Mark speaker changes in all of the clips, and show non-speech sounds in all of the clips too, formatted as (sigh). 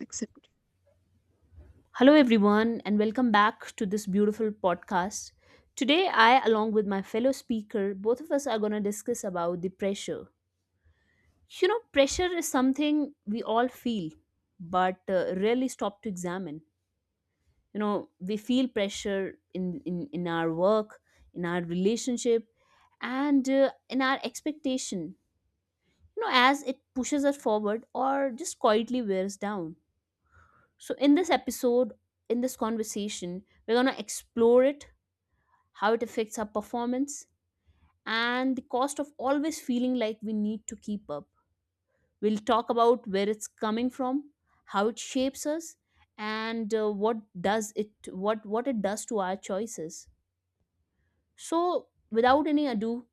Speaker 1: Accept.
Speaker 2: Hello, everyone, and welcome back to this beautiful podcast. Today, I, along with my fellow speaker, both of us are going to discuss about the pressure. You know, pressure is something we all feel, but rarely stop to examine. You know, we feel pressure in our work, in our relationship, and in our expectation, you know, as it pushes us forward or just quietly wears down. So, in this episode, in this conversation, we're going to explore it, how it affects our performance, and the cost of always feeling like we need to keep up. We'll talk about where it's coming from, how it shapes us, and what it does to our choices. So, without any ado,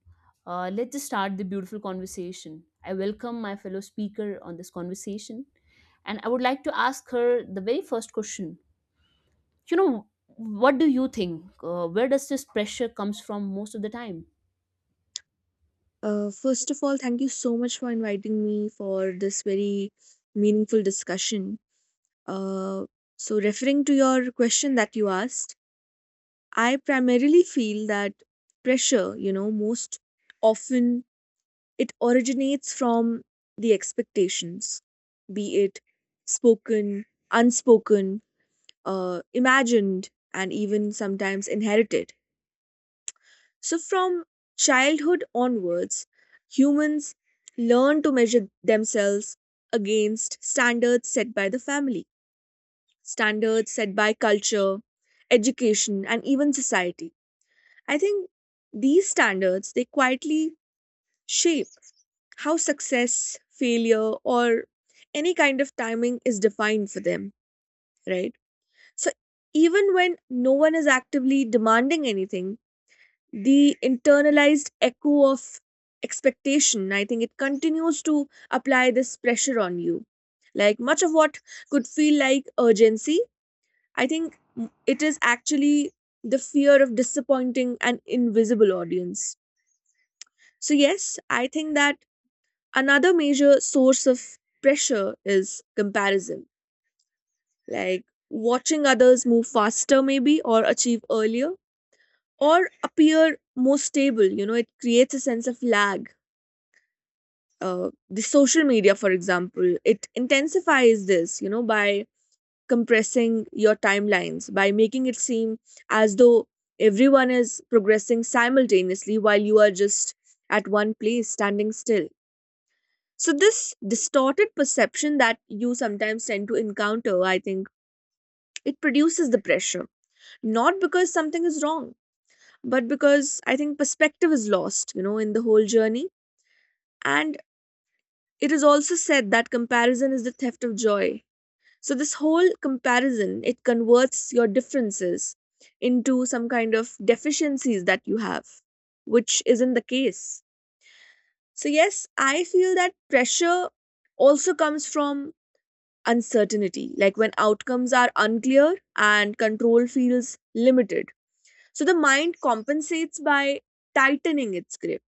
Speaker 2: let's just start the beautiful conversation. I welcome my fellow speaker on this conversation, and I would like to ask her the very first question. You know, what do you think? Where does this pressure comes from most of the time?
Speaker 1: First of all, thank you so much for inviting me for this very meaningful discussion. Uh, Referring to your question that you asked, I primarily feel that pressure, you know, most often it originates from the expectations, be it spoken, unspoken, imagined, and even sometimes inherited. So, from childhood onwards, humans learn to measure themselves against standards set by the family, standards set by culture, education, and even society. I think these standards they quietly shape how success, failure, or any kind of timing is defined for them, right? So, even when no one is actively demanding anything, the internalized echo of expectation, I think it continues to apply this pressure on you. Like much of what could feel like urgency, I think it is actually the fear of disappointing an invisible audience. So yes, I think that another major source of pressure is comparison, like watching others move faster maybe, or achieve earlier, or appear more stable. You know, it creates a sense of lag. The social media, for example, it intensifies this, you know, by compressing your timelines, by making it seem as though everyone is progressing simultaneously while you are just at one place standing still. So this distorted perception that you sometimes tend to encounter, I think it produces the pressure, not because something is wrong, but because I think perspective is lost, you know, in the whole journey. And it is also said that comparison is the theft of joy. So this whole comparison, it converts your differences into some kind of deficiencies that you have, which isn't the case. So yes, I feel that pressure also comes from uncertainty, like when outcomes are unclear and control feels limited. So the mind compensates by tightening its grip.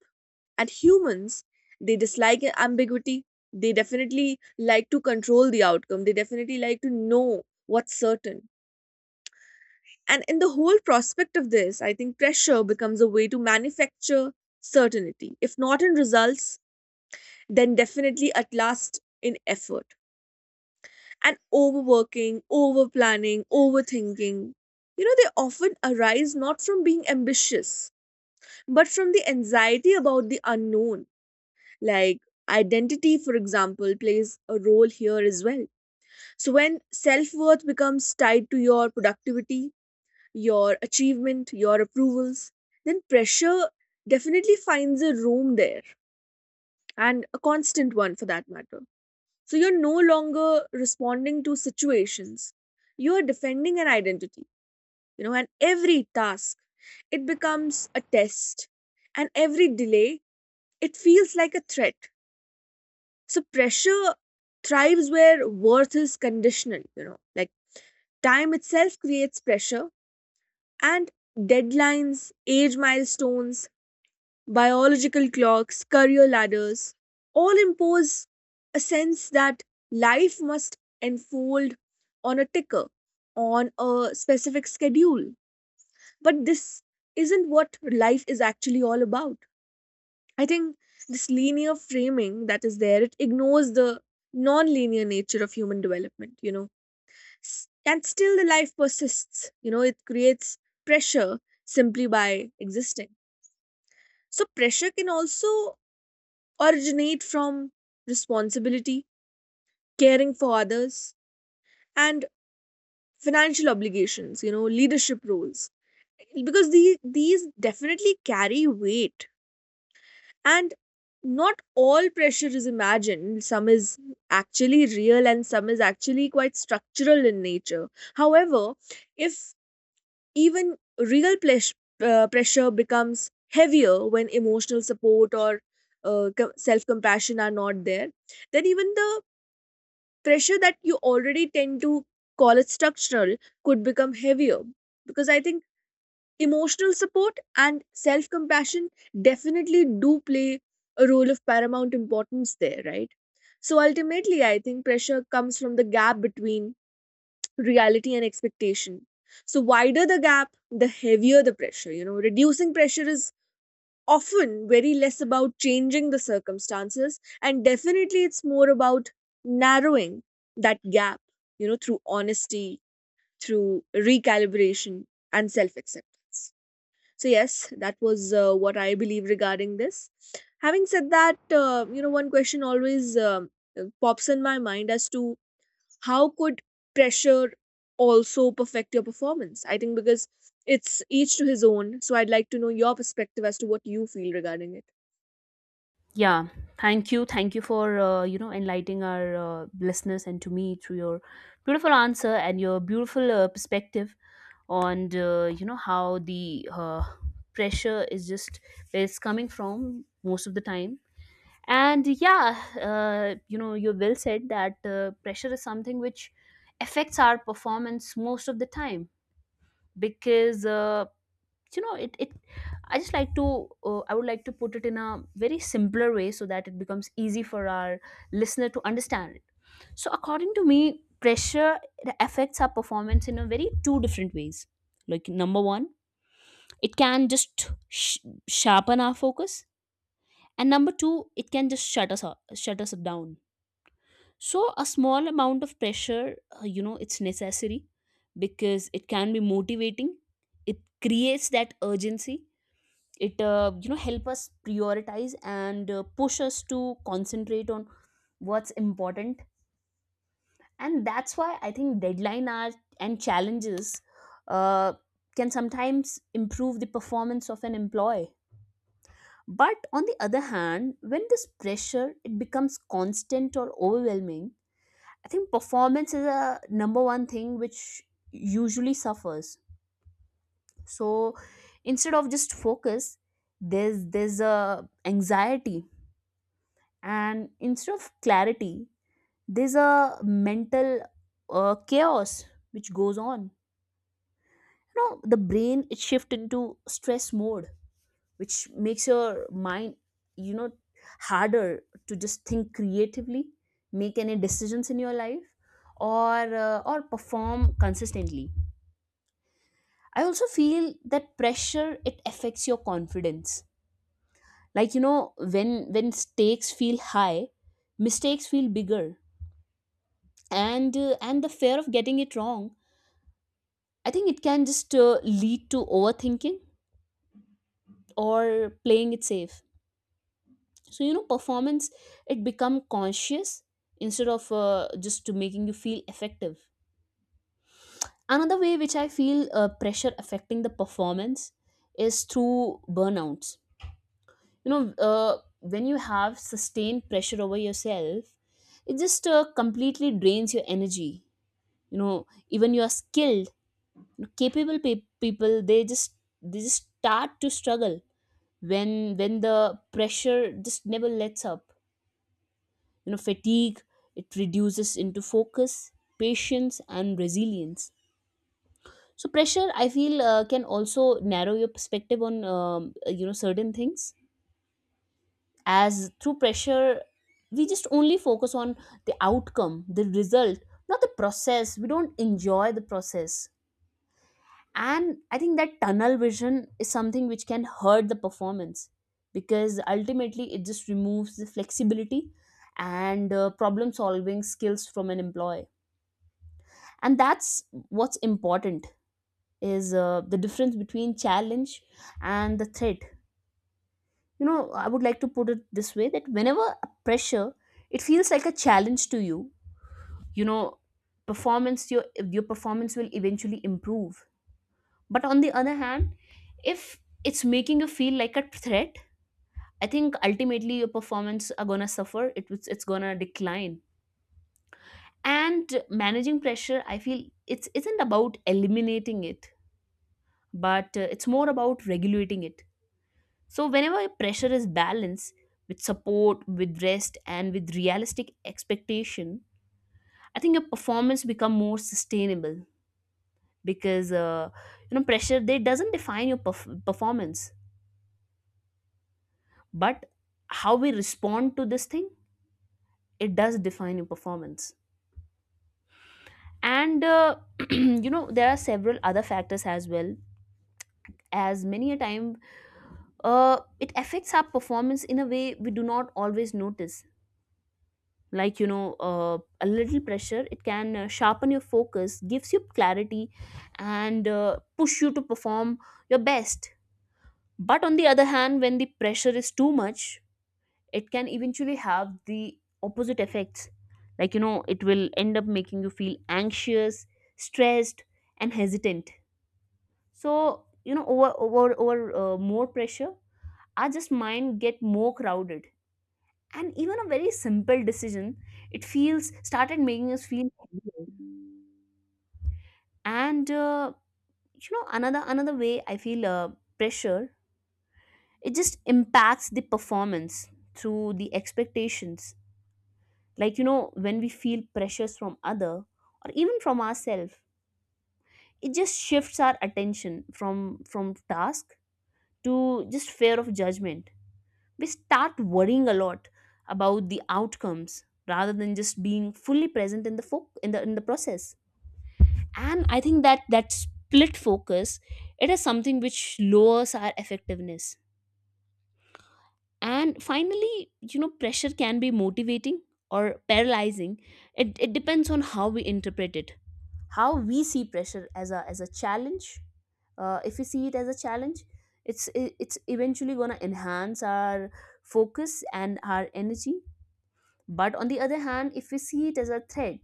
Speaker 1: And humans, they dislike ambiguity. They definitely like to control the outcome. They definitely like to know what's certain. And in the whole prospect of this, I think pressure becomes a way to manufacture certainty, if not in results, then definitely at last in effort. And overworking, over planning, overthinking, you know, they often arise not from being ambitious, but from the anxiety about the unknown. Like identity, for example, plays a role here as well. So when self worth becomes tied to your productivity, your achievement, your approvals, then pressure definitely finds a room there, and a constant one for that matter. So you're no longer responding to situations. You are defending an identity, you know, and every task, it becomes a test. And every delay, it feels like a threat. So pressure thrives where worth is conditional, you know. Like time itself creates pressure, and deadlines, age milestones, biological clocks, career ladders, all impose a sense that life must unfold on a ticker, on a specific schedule. But this isn't what life is actually all about. I think this linear framing that is there, it ignores the non-linear nature of human development, you know. And still the life persists, you know, it creates pressure simply by existing. So pressure can also originate from responsibility, caring for others, and financial obligations, you know, leadership roles. Because these definitely carry weight. And not all pressure is imagined. Some is actually real and some is actually quite structural in nature. However, if even real plesh, pressure becomes heavier when emotional support or uh, self compassion are not there, then even the pressure that you already tend to call it structural could become heavier, because I think emotional support and self compassion definitely do play a role of paramount importance there, right? So ultimately I think pressure comes from the gap between reality and expectation. So wider the gap, the heavier the pressure. You know, reducing pressure is often very less about changing the circumstances, and definitely it's more about narrowing that gap, you know, through honesty, through recalibration, and self acceptance. So yes, that was what I believe regarding this. Having said that, you know, one question always pops in my mind as to how could pressure also perfect your performance? I think because it's each to his own. So I'd like to know your perspective as to what you feel regarding it.
Speaker 2: Yeah, thank you. Thank you for you know, enlightening our listeners and to me through your beautiful answer and your beautiful perspective on you know, how the pressure is just where it's coming from most of the time. And yeah, you know, you well said that pressure is something which affects our performance most of the time, because you know, it I just like to I would like to put it in a very simpler way so that it becomes easy for our listener to understand it. So according to me, pressure, it affects our performance in a very two different ways. Like, number one, it can just sharpen our focus, and number two, it can just shut us down. So a small amount of pressure, you know, it's necessary, because it can be motivating. It creates that urgency. It you know, help us prioritize and push us to concentrate on what's important. And that's why I think deadline are and challenges uh, can sometimes improve the performance of an employee. But on the other hand, when this pressure, it becomes constant or overwhelming, I think performance is a number one thing which usually suffers. So instead of just focus, there's a anxiety, and instead of clarity, there's a mental chaos which goes on. You know, the brain, it shifts into stress mode, which makes your mind, you know, harder to just think creatively, make any decisions in your life, or or perform consistently. I also feel that pressure, it affects your confidence. Like, you know, when stakes feel high, mistakes feel bigger, and and the fear of getting it wrong, I think it can just lead to overthinking or playing it safe. So, you know, performance, it become conscious instead of just to making you feel effective. Another way which I feel pressure affecting the performance is through burnouts. You know, when you have sustained pressure over yourself, it just completely drains your energy. You know, even you are skilled, capable people, they just start to struggle when the pressure just never lets up. You know, fatigue, it reduces into focus, patience, and resilience. So pressure, I feel, can also narrow your perspective on you know, certain things, as through pressure we just only focus on the outcome, the result, not the process. We don't enjoy the process, and I think that tunnel vision is something which can hurt the performance, because ultimately it just removes the flexibility and problem solving skills from an employee. And that's what's important, is the difference between challenge and the threat. You know, I would like to put it this way, that whenever a pressure, it feels like a challenge to you, you know, performance your performance will eventually improve. But on the other hand, if it's making you feel like a threat, I think ultimately your performance are gonna suffer. It's gonna decline. And managing pressure, I feel, it's isn't about eliminating it, but it's more about regulating it. So whenever pressure is balanced with support, with rest, and with realistic expectation, I think your performance become more sustainable, because you know, pressure, they doesn't define your performance, but how we respond to this thing, it does define your performance. And (clears throat) you know, there are several other factors as well, as many a time it affects our performance in a way we do not always notice. Like, you know, a little pressure, it can sharpen your focus, gives you clarity, and push you to perform your best. But on the other hand, when the pressure is too much, it can eventually have the opposite effects. Like, you know, it will end up making you feel anxious, stressed, and hesitant. So, you know, over more pressure, our just mind get more crowded, and even a very simple decision, it feels started making us feel heavier. And you know, another way I feel pressure, it just impacts the performance through the expectations. Like, you know, when we feel pressures from other or even from ourselves, it just shifts our attention from task to just fear of judgment. We start worrying a lot about the outcomes rather than just being fully present in the in the process. And I think that split focus, it is something which lowers our effectiveness. And finally, you know, pressure can be motivating or paralyzing. It depends on how we interpret it, how we see pressure, as a challenge. If we see it as a challenge, it's eventually going to enhance our focus and our energy. But on the other hand, if we see it as a threat,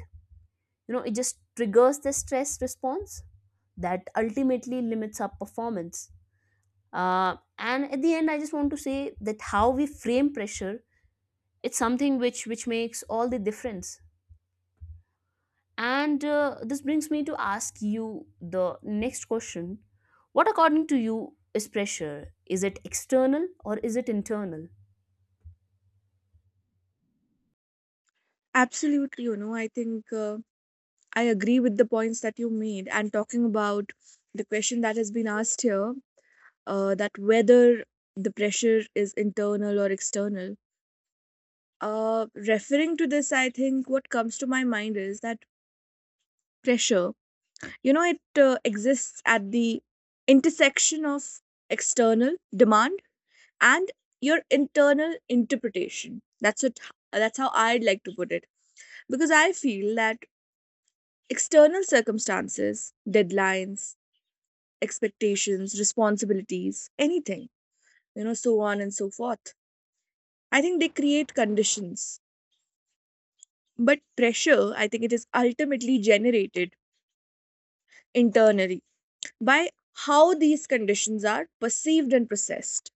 Speaker 2: you know, it just triggers the stress response that ultimately limits our performance. And at the end, I just want to say that how we frame pressure, it's something which makes all the difference. And this brings me to ask you the next question. What, according to you, is pressure? Is it external or is it internal?
Speaker 1: Absolutely, you know, I think I agree with the points that you made. And talking about the question that has been asked here, that whether the pressure is internal or external. Referring to this, I think what comes to my mind is that pressure, you know, it exists at the intersection of external demand and your internal interpretation. That's how I'd like to put it, because I feel that external circumstances, deadlines, expectations, responsibilities, anything, you know, so on and so forth, I think they create conditions. But pressure, I think it is ultimately generated internally by how these conditions are perceived and processed.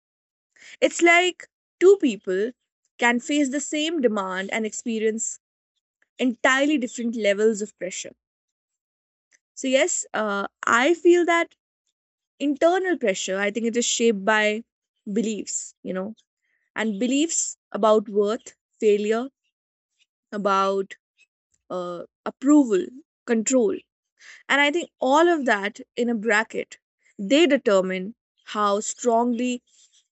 Speaker 1: It's like two people can face the same demand and experience entirely different levels of pressure. So yes, I feel that internal pressure, I think it is shaped by beliefs, you know, and beliefs about worth, failure, about approval, control. And I think all of that in a bracket, they determine how strongly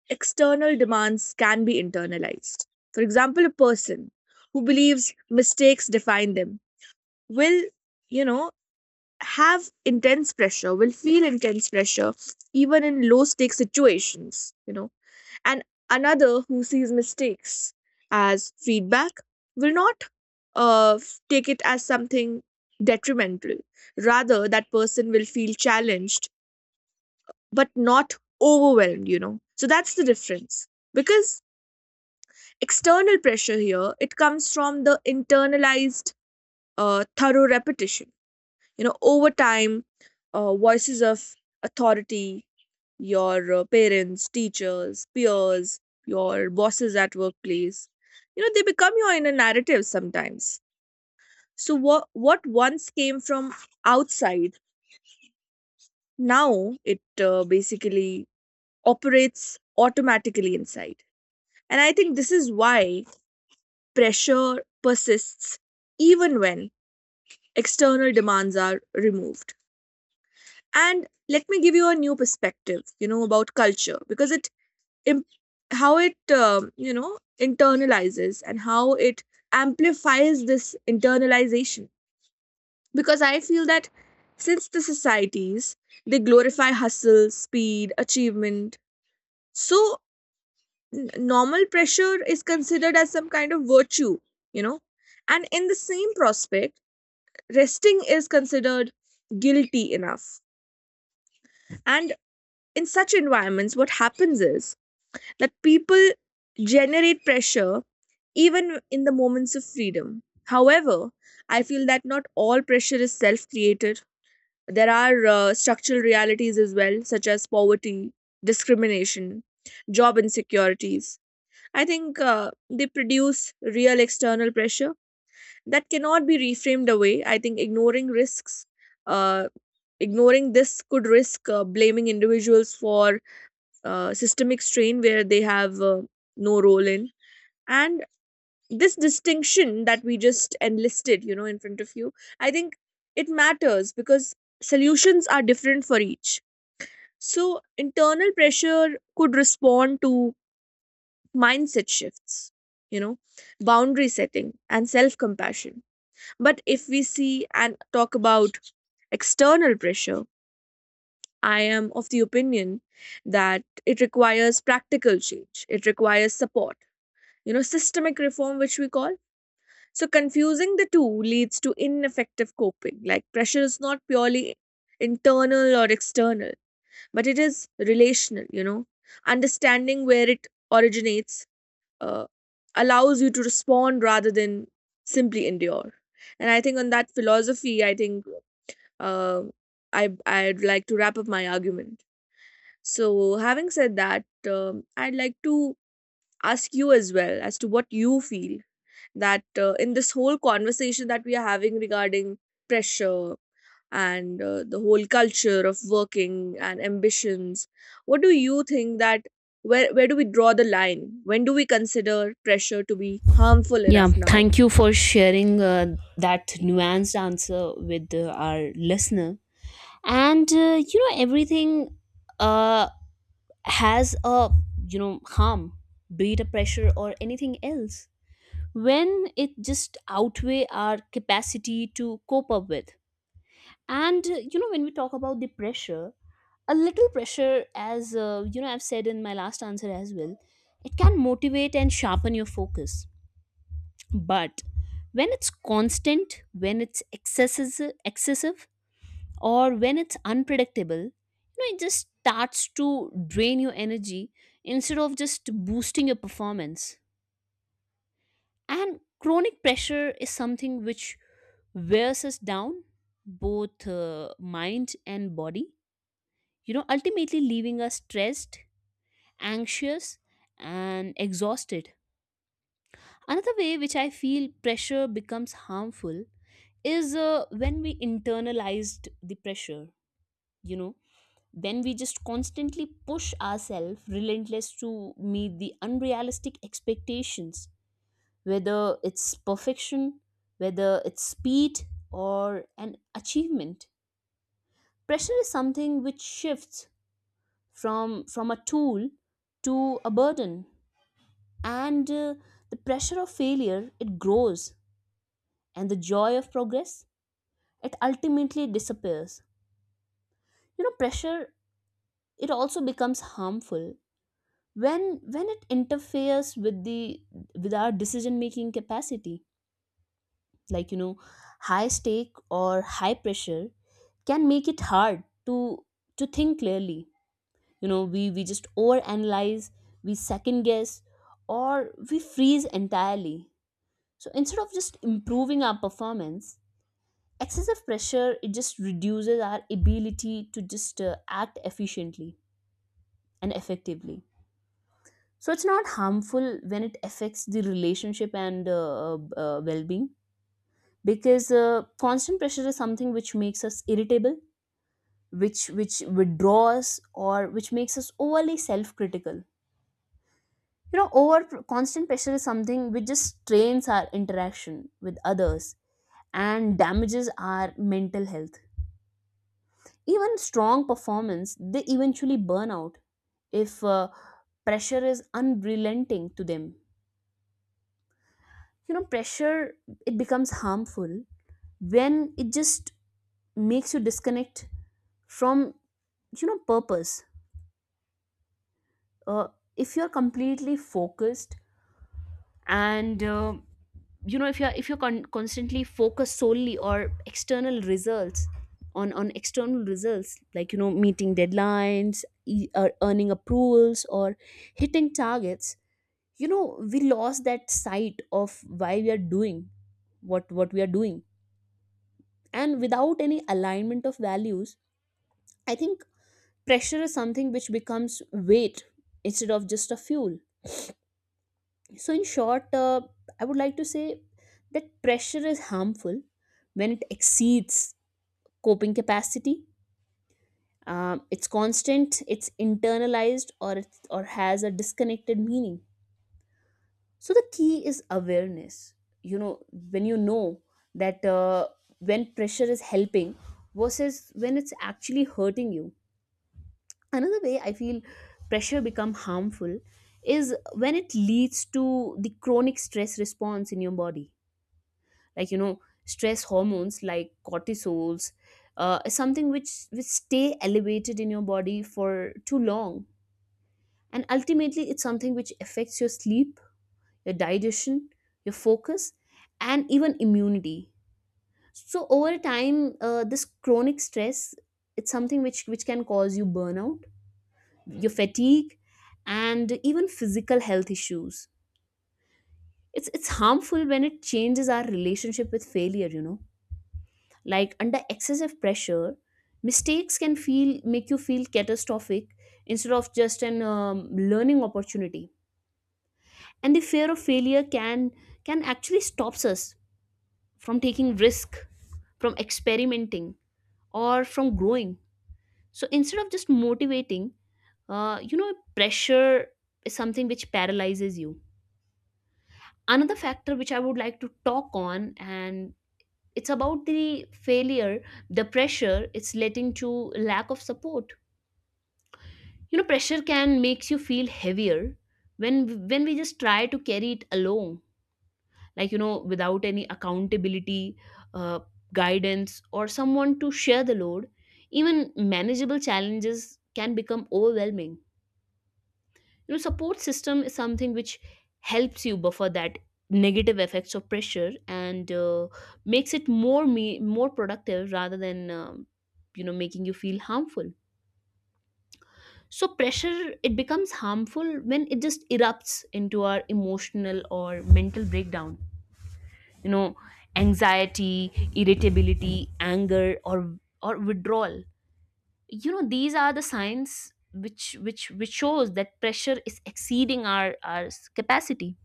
Speaker 1: external demands can be internalized. For example, a person who believes mistakes define them will, you know, have intense pressure, will feel intense pressure even in low stake situations, you know. And another who sees mistakes as feedback will not take it as something detrimental. Rather, that person will feel challenged but not overwhelmed, you know. So that's the difference. Because external pressure here, it comes from the internalized thorough repetition, you know, over time, voices of authority, your parents, teachers, peers, your bosses at workplace, you know, they become your inner narrative sometimes. So what once came from outside, now it basically operates automatically inside. And I think this is why pressure persists even when external demands are removed. And let me give you a new perspective, you know, about culture, because it im- how it you know, internalizes, and how it amplifies this internalization. Because I feel that since the societies, they glorify hustle, speed, achievement, so normal pressure is considered as some kind of virtue, you know. And in the same prospect, resting is considered guilty enough. And in such environments what happens is that people generate pressure even in the moments of freedom. However, I feel that not all pressure is self created. There are structural realities as well, such as poverty, discrimination, job insecurities. I think they produce real external pressure that cannot be reframed away. I think ignoring risks, uh, ignoring this could risk blaming individuals for systemic strain where they have no role in. And this distinction that we just enlisted, you know, in front of you, I think it matters because solutions are different for each. So internal pressure could respond to mindset shifts, you know, boundary setting, and self compassion. But if we see and talk about external pressure, I am of the opinion that it requires practical change, it requires support, you know, systemic reform, which we call. So confusing the two leads to ineffective coping. Like pressure is not purely internal or external, but it is relational, you know. Understanding where it originates uh, allows you to respond rather than simply endure. And I think on that philosophy, I think uh, I'd like to wrap up my argument. So, having said that, I'd like to ask you as well as to what you feel that in this whole conversation that we are having regarding pressure and the whole culture of working and ambitions, what do you think that where do we draw the line, when do we consider pressure to be harmful
Speaker 2: Yeah,
Speaker 1: enough now?
Speaker 2: thank you for sharing that nuanced answer with our listener. And you know, everything uh, has a, you know, harm, be it a pressure or anything else, when it just outweigh our capacity to cope up with. And you know, when we talk about the pressure, a little pressure, as you know, I've said in my last answer as well, it can motivate and sharpen your focus. But when it's constant, when it's excessive, or when it's unpredictable, you know, it just starts to drain your energy instead of just boosting your performance. And chronic pressure is something which wears us down, both mind and body, you know, ultimately leaving us stressed, anxious, and exhausted. Another way which I feel pressure becomes harmful is when we internalized the pressure, you know, when we just constantly push ourselves relentless to meet the unrealistic expectations, whether it's perfection, whether it's speed, or an achievement. Pressure is something which shifts from a tool to a burden. And the pressure of failure, it grows, and the joy of progress, it ultimately disappears. You know, pressure, it also becomes harmful when it interferes with the, with our decision making capacity. Like, you know, high stake or high pressure can make it hard to think clearly. You know, we just overanalyze, we second guess, or we freeze entirely. So instead of just improving our performance, excessive pressure, it just reduces our ability to just act efficiently and effectively. So it's not harmful when it affects the relationship and well-being, because constant pressure is something which makes us irritable, which withdraws, or which makes us overly self-critical. You know, over constant pressure is something which just strains our interaction with others and damages our mental health. Even strong performance, they eventually burn out if pressure is unrelenting to them. You know, pressure, it becomes harmful when it just makes you disconnect from, you know, purpose. uh, if you're completely focused, and you know, if you're constantly focused solely or external results on external results, like, you know, meeting deadlines, or earning approvals, or hitting targets, you know, we lost that sight of why we are doing what we are doing. And without any alignment of values, I think pressure is something which becomes weight instead of just a fuel. So, in short, I would like to say that pressure is harmful when it exceeds coping capacity. It's constant, it's internalized, or it or has a disconnected meaning. So the key is awareness. You know, when you know that when pressure is helping versus when it's actually hurting you. Another way I feel pressure become harmful is when it leads to the chronic stress response in your body. Like, you know, stress hormones like cortisols, something which stay elevated in your body for too long, and ultimately it's something which affects your sleep, your digestion, your focus, and even immunity. So over time, this chronic stress, it's something which can cause you burnout, your fatigue, and even physical health issues. It's harmful when it changes our relationship with failure. You know, like under excessive pressure, mistakes can feel make you feel catastrophic instead of just an learning opportunity. And the fear of failure can actually stops us from taking risk, from experimenting, or from growing. So instead of just motivating, you know, pressure is something which paralyzes you. Another factor which I would like to talk on, and it's about the failure, the pressure, it's letting to lack of support. You know, pressure can makes you feel heavier when we just try to carry it alone. Like, you know, without any accountability, uh, guidance, or someone to share the load, even manageable challenges can become overwhelming. You know, support system is something which helps you buffer that negative effects of pressure and makes it more me more productive rather than you know, making you feel harmful. So pressure, it becomes harmful when it just erupts into our emotional or mental breakdown. You know, anxiety, irritability, anger, or withdrawal, you know, these are the signs which shows that pressure is exceeding our capacity.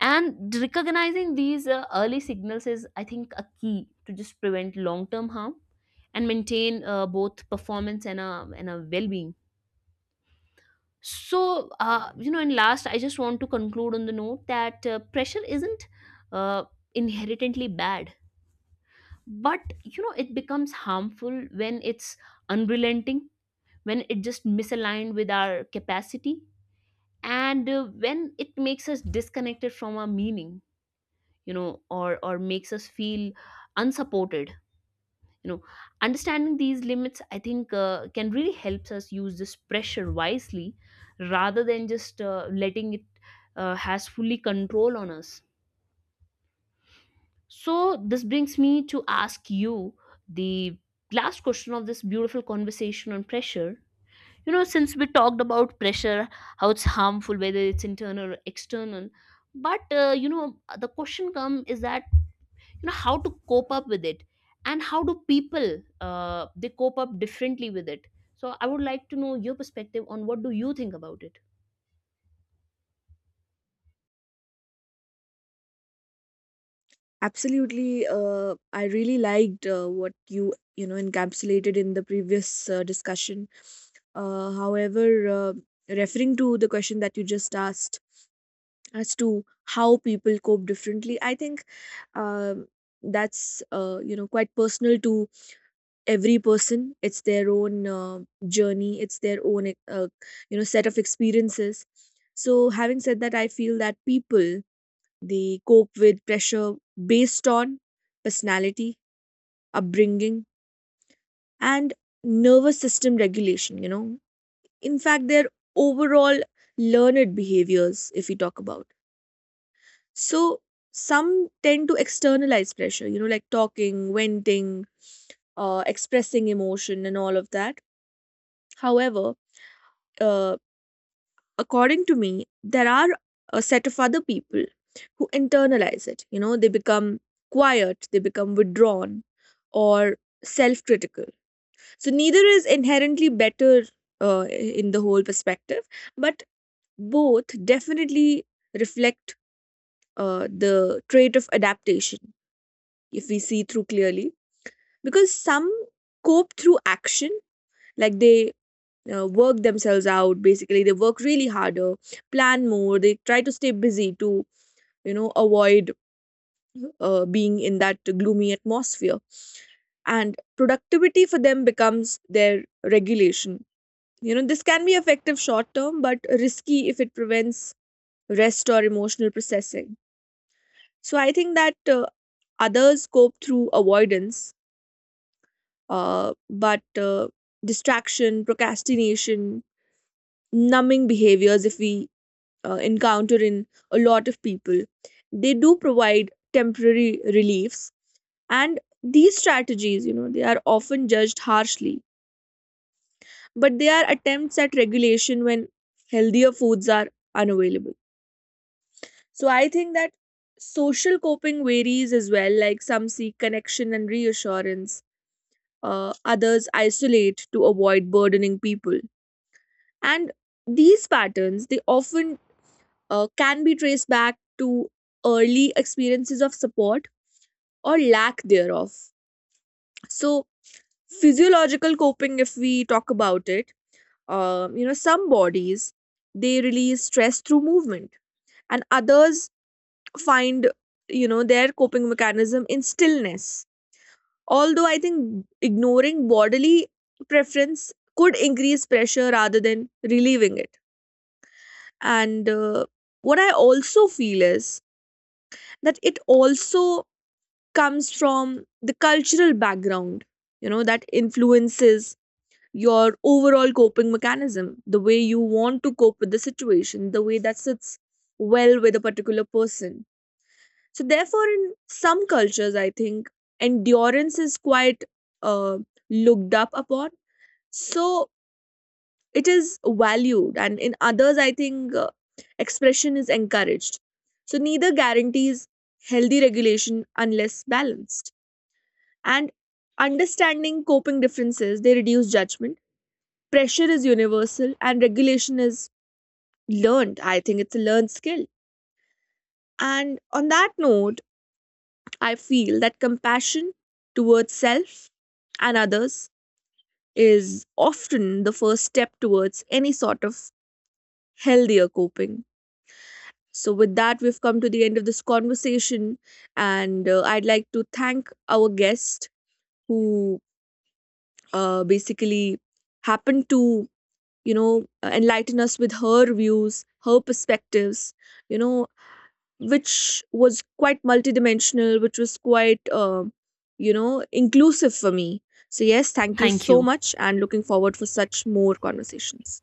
Speaker 2: And recognizing these early signals is, I think, a key to just prevent long term harm and maintain both performance and a well-being. So, you know, and last, I just want to conclude on the note that pressure isn't uh, inherently bad, but, you know, it becomes harmful when it's unrelenting, when it just misaligned with our capacity, and when it makes us disconnected from our meaning, you know, or makes us feel unsupported. You know, understanding these limits, I think, can really helps us use this pressure wisely rather than just letting it has fully control on us. So this brings me to ask you the last question of this beautiful conversation on pressure. You know, since we talked about pressure, how it's harmful, whether it's internal or external, but you know, the question come is that, you know, how to cope up with it, and how do people they cope up differently with it. So I would like to know your perspective on what do you think about it.
Speaker 1: Absolutely, I really liked what you know encapsulated in the previous discussion. Uh, however uh, referring to the question that you just asked as to how people cope differently, I think, um, that's you know, quite personal to every person. It's their own journey, it's their own you know, set of experiences. So, having said that, I feel that people, they cope with pressure based on personality, upbringing, and nervous system regulation, you know, in fact their overall learned behaviors, if we talk about. So some tend to externalize pressure, you know, like talking, venting, expressing emotion, and all of that. However, uh, according to me, there are a set of other people who internalize it. You know, they become quiet, they become withdrawn, or self critical. So neither is inherently better in the whole perspective, but both definitely reflect the trait of adaptation, if we see through clearly. Because some cope through action, like they work themselves out, basically they work really harder, plan more, they try to stay busy to, you know, avoid being in that gloomy atmosphere. And productivity for them becomes their regulation, you know. This can be effective short term, but risky if it prevents rest or emotional processing. So I think that others cope through avoidance. But Distraction, procrastination, numbing behaviors, if we encounter in a lot of people, they do provide temporary reliefs. And these strategies, you know, they are often judged harshly, but they are attempts at regulation when healthier foods are unavailable. So I think that social coping varies as well. Like some seek connection and reassurance, others isolate to avoid burdening people. And these patterns, they often can be traced back to early experiences of support, or lack thereof. So, physiological coping, if we talk about it, you know, some bodies, they release stress through movement, and others find, you know, their coping mechanism in stillness. Although I think ignoring bodily preference could increase pressure rather than relieving it. And what I also feel is that it also comes from the cultural background, you know, that influences your overall coping mechanism, the way you want to cope with the situation, the way that sits well with a particular person. So therefore, in some cultures I think endurance is quite uh, looked up upon, so it is valued. And in others I think expression is encouraged. So neither guarantees healthy regulation unless balanced. And understanding coping differences, they reduce judgment. Pressure is universal and regulation is learned. I think it's a learned skill. And on that note, I feel that compassion towards self and others is often the first step towards any sort of healthier coping. So, with that, we've come to the end of this conversation. And I'd like to thank our guest who basically happened to, you know, enlighten us with her views, her perspectives, you know, which was quite multidimensional, which was quite, you know, inclusive for me. So, yes, thank you
Speaker 2: Thank
Speaker 1: so
Speaker 2: you.
Speaker 1: much and looking forward for such more conversations.